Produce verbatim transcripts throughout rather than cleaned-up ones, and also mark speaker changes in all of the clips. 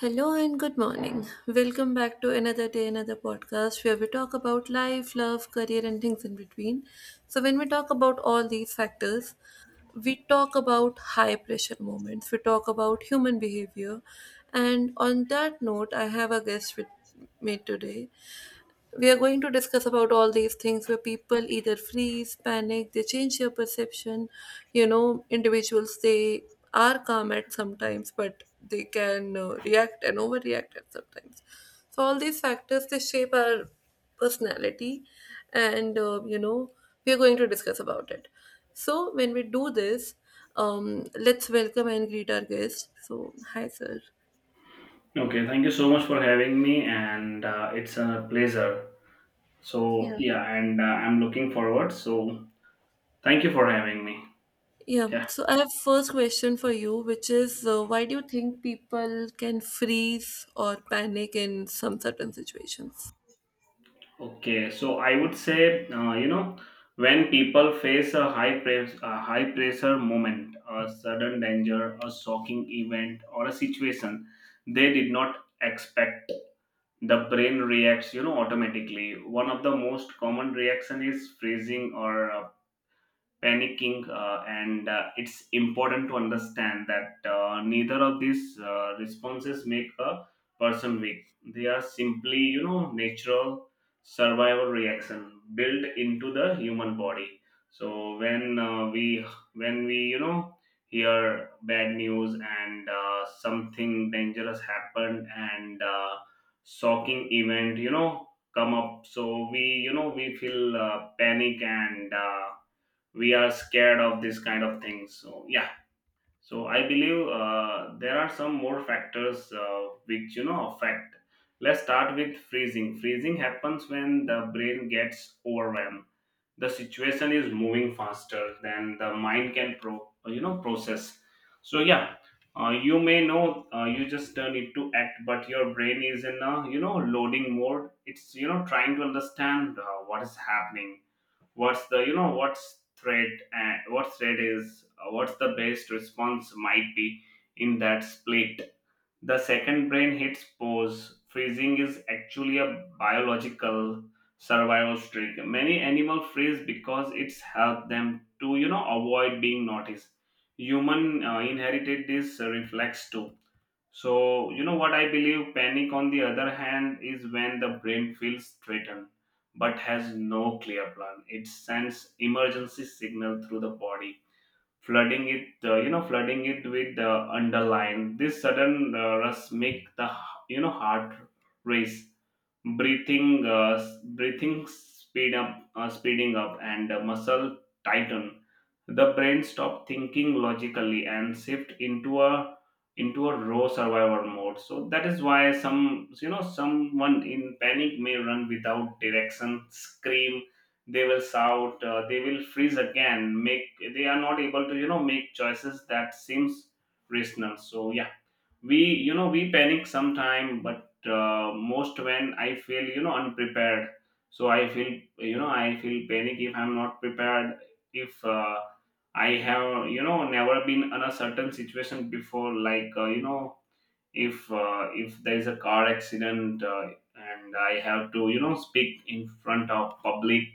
Speaker 1: Hello and good morning. Welcome back to another day, another podcast where we talk about life, love, career, and things in between. So, when we talk about all these factors, we talk about high pressure moments, we talk about human behavior. And on that note, I have a guest with me today. We are going to discuss about all these things where people either freeze, panic, they change their perception, you know, individuals, they are calm at sometimes but they can uh, react and overreact at sometimes. So all these factors they shape our personality. And uh, you know we are going to discuss about it. So when we do this, um, let's welcome and greet our guest. So hi sir.
Speaker 2: Okay, thank you so much for having me, and uh, it's a pleasure. So,
Speaker 1: Yeah.
Speaker 2: yeah, and uh, I'm looking forward. So, thank you for having me.
Speaker 1: Yeah,
Speaker 2: Yeah.
Speaker 1: so I have first question for you, which is uh, why do you think people can freeze or panic in some certain situations?
Speaker 2: Okay, so I would say, uh, you know, when people face a high press, a high pressure moment, a sudden danger, a shocking event, or a situation they did not expect, the brain reacts, you know, automatically. One of the most common reaction is freezing or uh, panicking, uh, and uh, it's important to understand that uh, neither of these uh, responses make a person weak. They are simply, you know, natural survival reaction built into the human body. So when uh, we when we, you know, hear bad news and, uh, something dangerous happened and, uh, shocking event, you know, come up, so we, you know, we feel uh, panic and, uh, we are scared of this kind of things, so yeah. So I believe uh, there are some more factors uh, which, you know, affect. Let's start with freezing. Freezing happens when the brain gets overwhelmed. The situation is moving faster than the mind can pro you know, process, so yeah. Uh, you may know, uh, you just uh, need to act, but your brain is in a, you know, loading mode. It's, you know, trying to understand uh, what is happening, what's the you know what's thread and what thread is uh, what's the best response might be in that split the second brain hits pause. Freezing is actually a biological survival trick. Many animal freeze because it's helped them to, you know, avoid being noticed. Human uh, inherited this uh, reflex too. So, you know what I believe? Panic, on the other hand, is when the brain feels threatened but has no clear plan. It sends emergency signal through the body, flooding it, uh, you know, flooding it with the underline. This sudden uh, rush make the, you know, heart race, breathing uh, s- breathing speed up, uh, speeding up, and uh, muscle tighten. The brain stop thinking logically and shift into a into a raw survival mode. So that is why some, you know, someone in panic may run without direction, scream, they will shout, uh, they will freeze again, make they are not able to, you know, make choices that seems rational, so yeah. We, you know, we panic sometime, but uh, most when I feel, you know, unprepared. So I feel, you know, I feel panic if I'm not prepared. If uh, I have, you know, never been in a certain situation before, like, uh, you know if uh, if there is a car accident, uh, and I have to, you know, speak in front of public,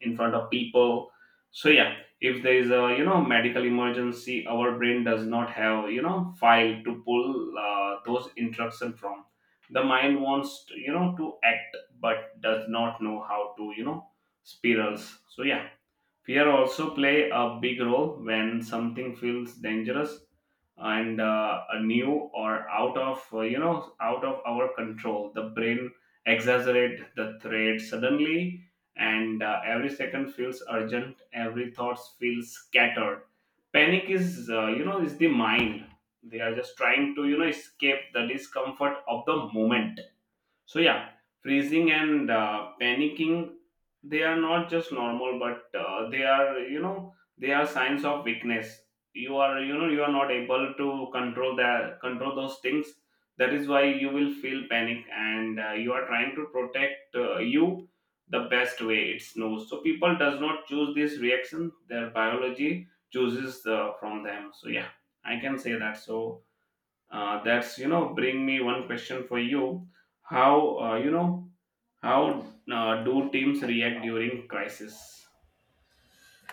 Speaker 2: in front of people, so yeah. If there is a, you know, medical emergency, our brain does not have, you know, file to pull uh, those instruction from. The mind wants to, you know, to act but does not know how to, you know, spirals, so yeah. Fear also play a big role when something feels dangerous and, uh, a new or out of, uh, you know out of our control. The brain exaggerate the threat suddenly, and uh, every second feels urgent. Every thought feels scattered. Panic is, uh, you know is the mind. They are just trying to, you know, escape the discomfort of the moment, so yeah, freezing and, uh, panicking, they are not just normal, but uh, they are, you know, they are signs of weakness. You are, you know, you are not able to control that control those things. That is why you will feel panic, and uh, you are trying to protect uh, you the best way it's knows. So people does not choose this reaction; their biology chooses uh, from them. So yeah, I can say that. So uh, that's, you know, bring me one question for you. How, uh, you know how uh, do teams react during crisis?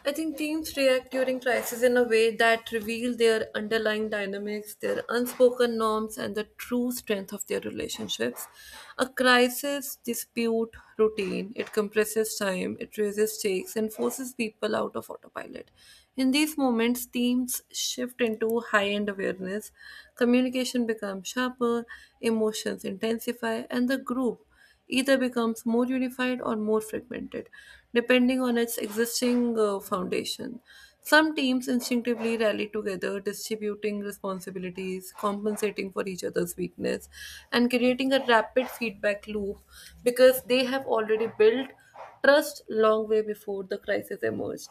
Speaker 1: I think teams react during crisis in a way that reveal their underlying dynamics, their unspoken norms, and the true strength of their relationships. A crisis dispute routine. It compresses time, it raises stakes, and forces people out of autopilot. In these moments, teams shift into high end awareness, communication becomes sharper, emotions intensify, and the group either becomes more unified or more fragmented, depending on its existing uh, foundation. Some teams instinctively rally together, distributing responsibilities, compensating for each other's weakness, and creating a rapid feedback loop because they have already built trust long way before the crisis emerged.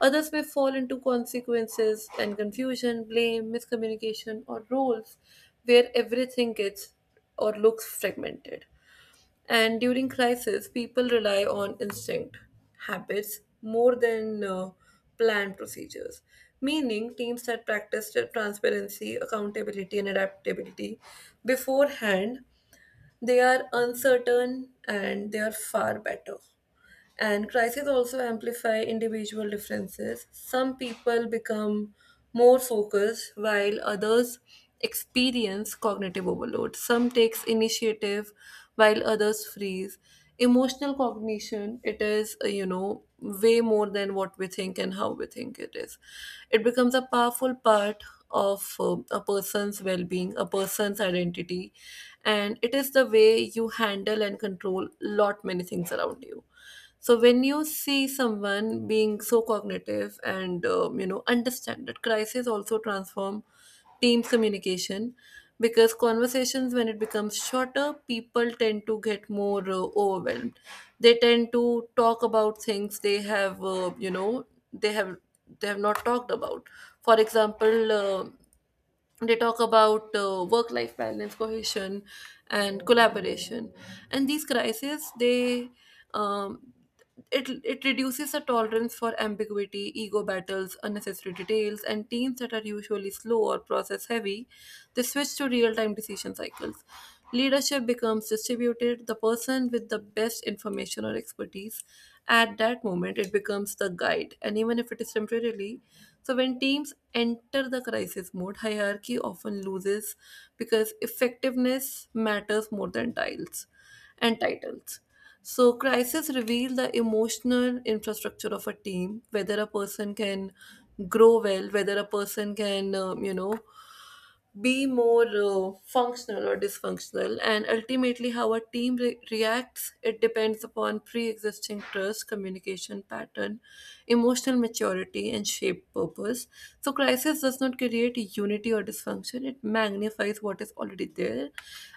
Speaker 1: Others may fall into consequences and confusion, blame, miscommunication, or roles where everything gets or looks fragmented. And during crisis, people rely on instinct, habits, more than uh, planned procedures. Meaning, teams that practice transparency, accountability, and adaptability beforehand, they are uncertain and they are far better. And crises also amplify individual differences. Some people become more focused while others experience cognitive overload. Some takes initiative while others freeze. Emotional cognition, it is, uh, you know, way more than what we think and how we think it is. It becomes a powerful part of uh, a person's well being, a person's identity, and it is the way you handle and control lot many things around you. So when you see someone being so cognitive and um, you know, understand that crises also transform teams communication, because conversations when it becomes shorter, people tend to get more uh, overwhelmed. They tend to talk about things they have uh, you know they have they have not talked about. For example, uh, they talk about uh, work life balance, cohesion, and collaboration. And these crises, they um, it, it reduces the tolerance for ambiguity, ego battles, unnecessary details. And teams that are usually slow or process heavy, they switch to real-time decision cycles. Leadership becomes distributed, the person with the best information or expertise at that moment, it becomes the guide, and even if it is temporarily. So when teams enter the crisis mode, hierarchy often loses because effectiveness matters more than tiles and titles. So crises reveal the emotional infrastructure of a team, whether a person can grow well, whether a person can, um, you know, be more uh, functional or dysfunctional. And ultimately, how a team re- reacts, it depends upon pre-existing trust, communication pattern, emotional maturity, and shape purpose. So crisis does not create unity or dysfunction, it magnifies what is already there.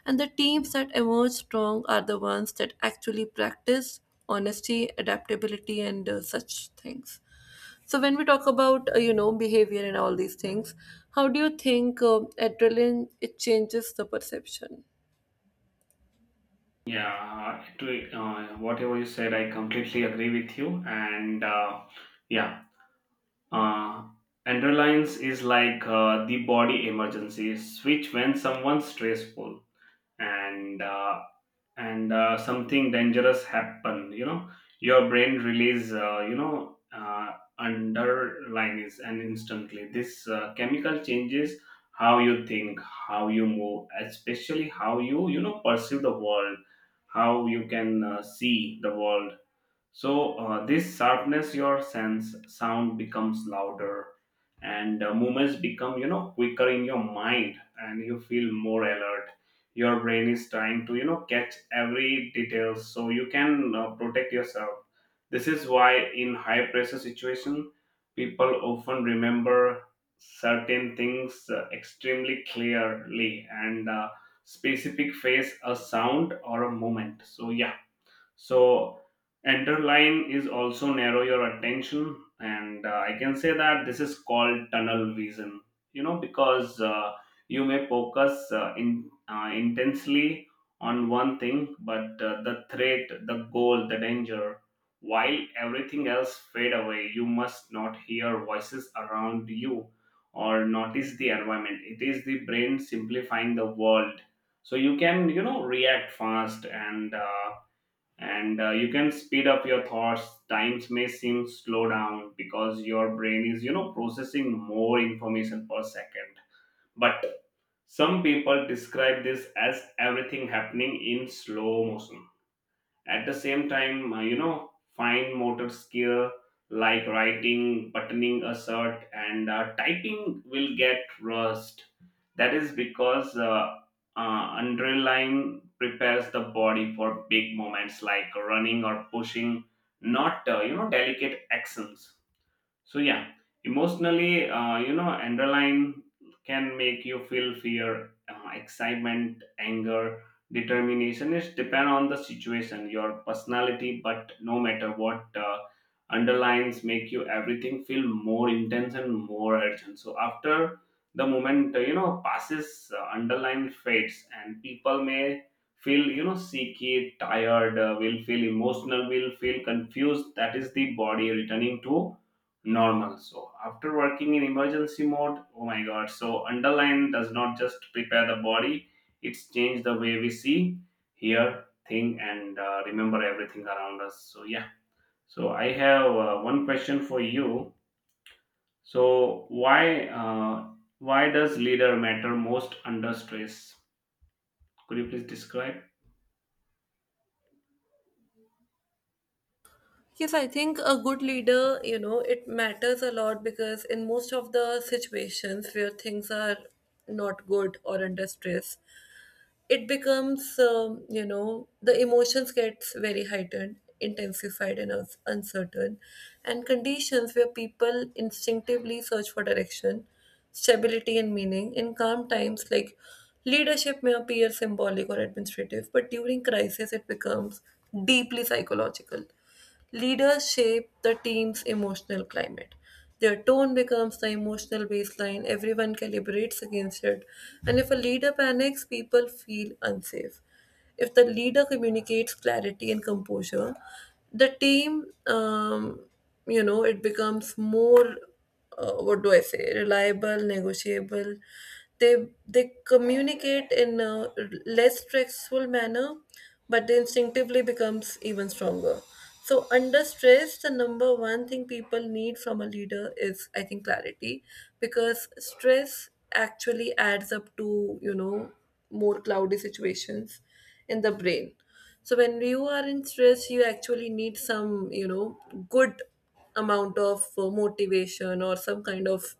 Speaker 1: And the teams that emerge strong are the ones that actually practice honesty, adaptability, and uh, such things. So when we talk about uh, you know, behavior and all these things, how do you think uh, adrenaline it changes the perception?
Speaker 2: Yeah, to, uh, whatever you said, I completely agree with you. And, uh, yeah, uh, underlines is like uh, the body emergency switch when someone's stressful. And uh, and uh, something dangerous happen, you know, your brain release, uh, you know uh, underline, and instantly this uh, chemical changes how you think, how you move, especially how you, you know, perceive the world, how you can, uh, see the world. So uh, this sharpness your sense, sound becomes louder, and uh, movements become, you know, quicker in your mind, and you feel more alert. Your brain is trying to, you know, catch every detail so you can uh, protect yourself. This is why in high pressure situation, people often remember certain things uh, extremely clearly and, uh, specific face a sound or a moment. So yeah. So, line is also narrow your attention, and uh, I can say that this is called tunnel vision. You know, because uh, you may focus uh, in uh, intensely on one thing, but uh, the threat, the goal, the danger, while everything else fade away. You must not hear voices around you or notice the environment. It is the brain simplifying the world so you can, you know, react fast, and uh, and uh, you can speed up your thoughts. Times may seem slow down because your brain is, you know, processing more information per second. But some people describe this as everything happening in slow motion. At the same time, uh, you know, fine motor skill like writing, buttoning a shirt, and uh, typing will get rust. That is because uh, uh, underline prepares the body for big moments like running or pushing, not, uh, you know delicate actions, so yeah. Emotionally, uh, you know, underline can make you feel fear, uh, excitement, anger, determination. It depend on the situation, your personality. But no matter what, uh, underlines make you everything feel more intense and more urgent. So after the moment uh, you know passes, uh, underline fades, and people may feel, you know, seeky, tired, uh, will feel emotional, will feel confused. That is the body returning to normal. So after working in emergency mode, oh my god. So underline does not just prepare the body, it's changed the way we see, hear, think, and, uh, remember everything around us. So yeah. So I have uh, one question for you. So why uh, why does leader matter most under stress? Could you please describe?
Speaker 1: Yes, I think a good leader, you know, it matters a lot because in most of the situations where things are not good or under stress, it becomes um, you know, the emotions gets very heightened, intensified, and uns- uncertain. And conditions where people instinctively search for direction, stability, and meaning in calm times, like leadership may appear symbolic or administrative, but during crisis it becomes deeply psychological. Leaders shape the team's emotional climate. Their tone becomes the emotional baseline, everyone calibrates against it. And if a leader panics, people feel unsafe. If the leader communicates clarity and composure, the team, um, you know, it becomes more uh, what do I say, reliable, negotiable. They they communicate in a less stressful manner, but they instinctively becomes even stronger. So under stress, the number one thing people need from a leader is, I think, clarity, because stress actually adds up to, you know, more cloudy situations in the brain. So when you are in stress, you actually need some, you know, good amount of uh, motivation or some kind of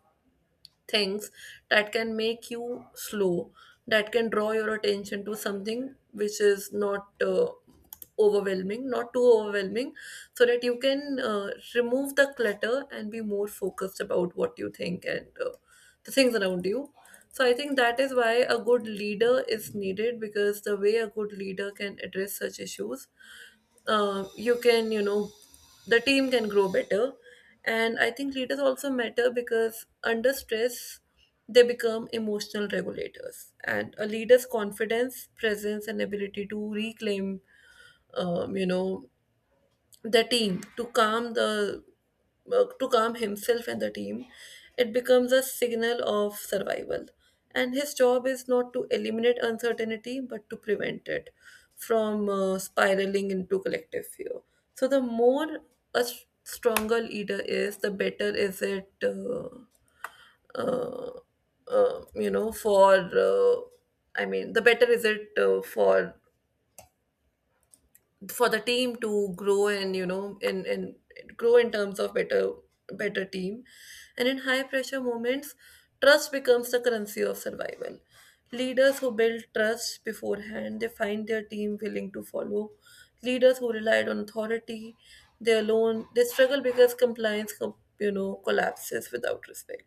Speaker 1: things that can make you slow, that can draw your attention to something which is not uh, overwhelming, not too overwhelming, so that you can uh, remove the clutter and be more focused about what you think and uh, the things around you. So I think that is why a good leader is needed, because the way a good leader can address such issues, uh, you can, you know, the team can grow better. And I think leaders also matter because under stress, they become emotional regulators. And a leader's confidence, presence, and ability to reclaim, um, you know, the team, to calm the uh, to calm himself and the team, it becomes a signal of survival. And his job is not to eliminate uncertainty but to prevent it from uh, spiraling into collective fear. So the more a s- stronger leader is, the better is it uh, uh, uh, you know for uh, I mean, the better is it uh, for for the team to grow, and you know, in in grow in terms of better better team. And in high pressure moments, trust becomes the currency of survival. Leaders who build trust beforehand, they find their team willing to follow. Leaders who relied on authority, they alone, they struggle, because compliance com- you know, collapses without respect.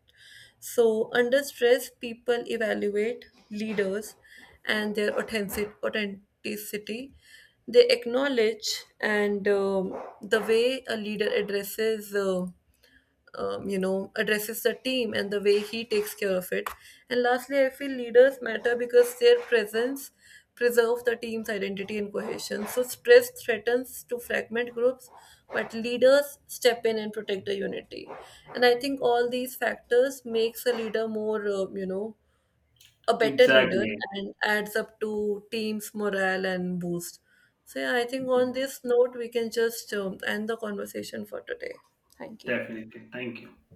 Speaker 1: So, under stress, people evaluate leaders and their authentic- authenticity. They acknowledge and um, the way a leader addresses. Uh, um, you know addresses the team and the way he takes care of it. And lastly, I feel leaders matter because their presence preserves the team's identity and cohesion. So stress threatens to fragment groups, but leaders step in and protect the unity. And I think all these factors makes a leader more uh, you know a better leader,
Speaker 2: Exactly.
Speaker 1: and adds up to team's morale and boost. So yeah, I think on this note we can just um, end the conversation for today. Thank you.
Speaker 2: Definitely. Thank you.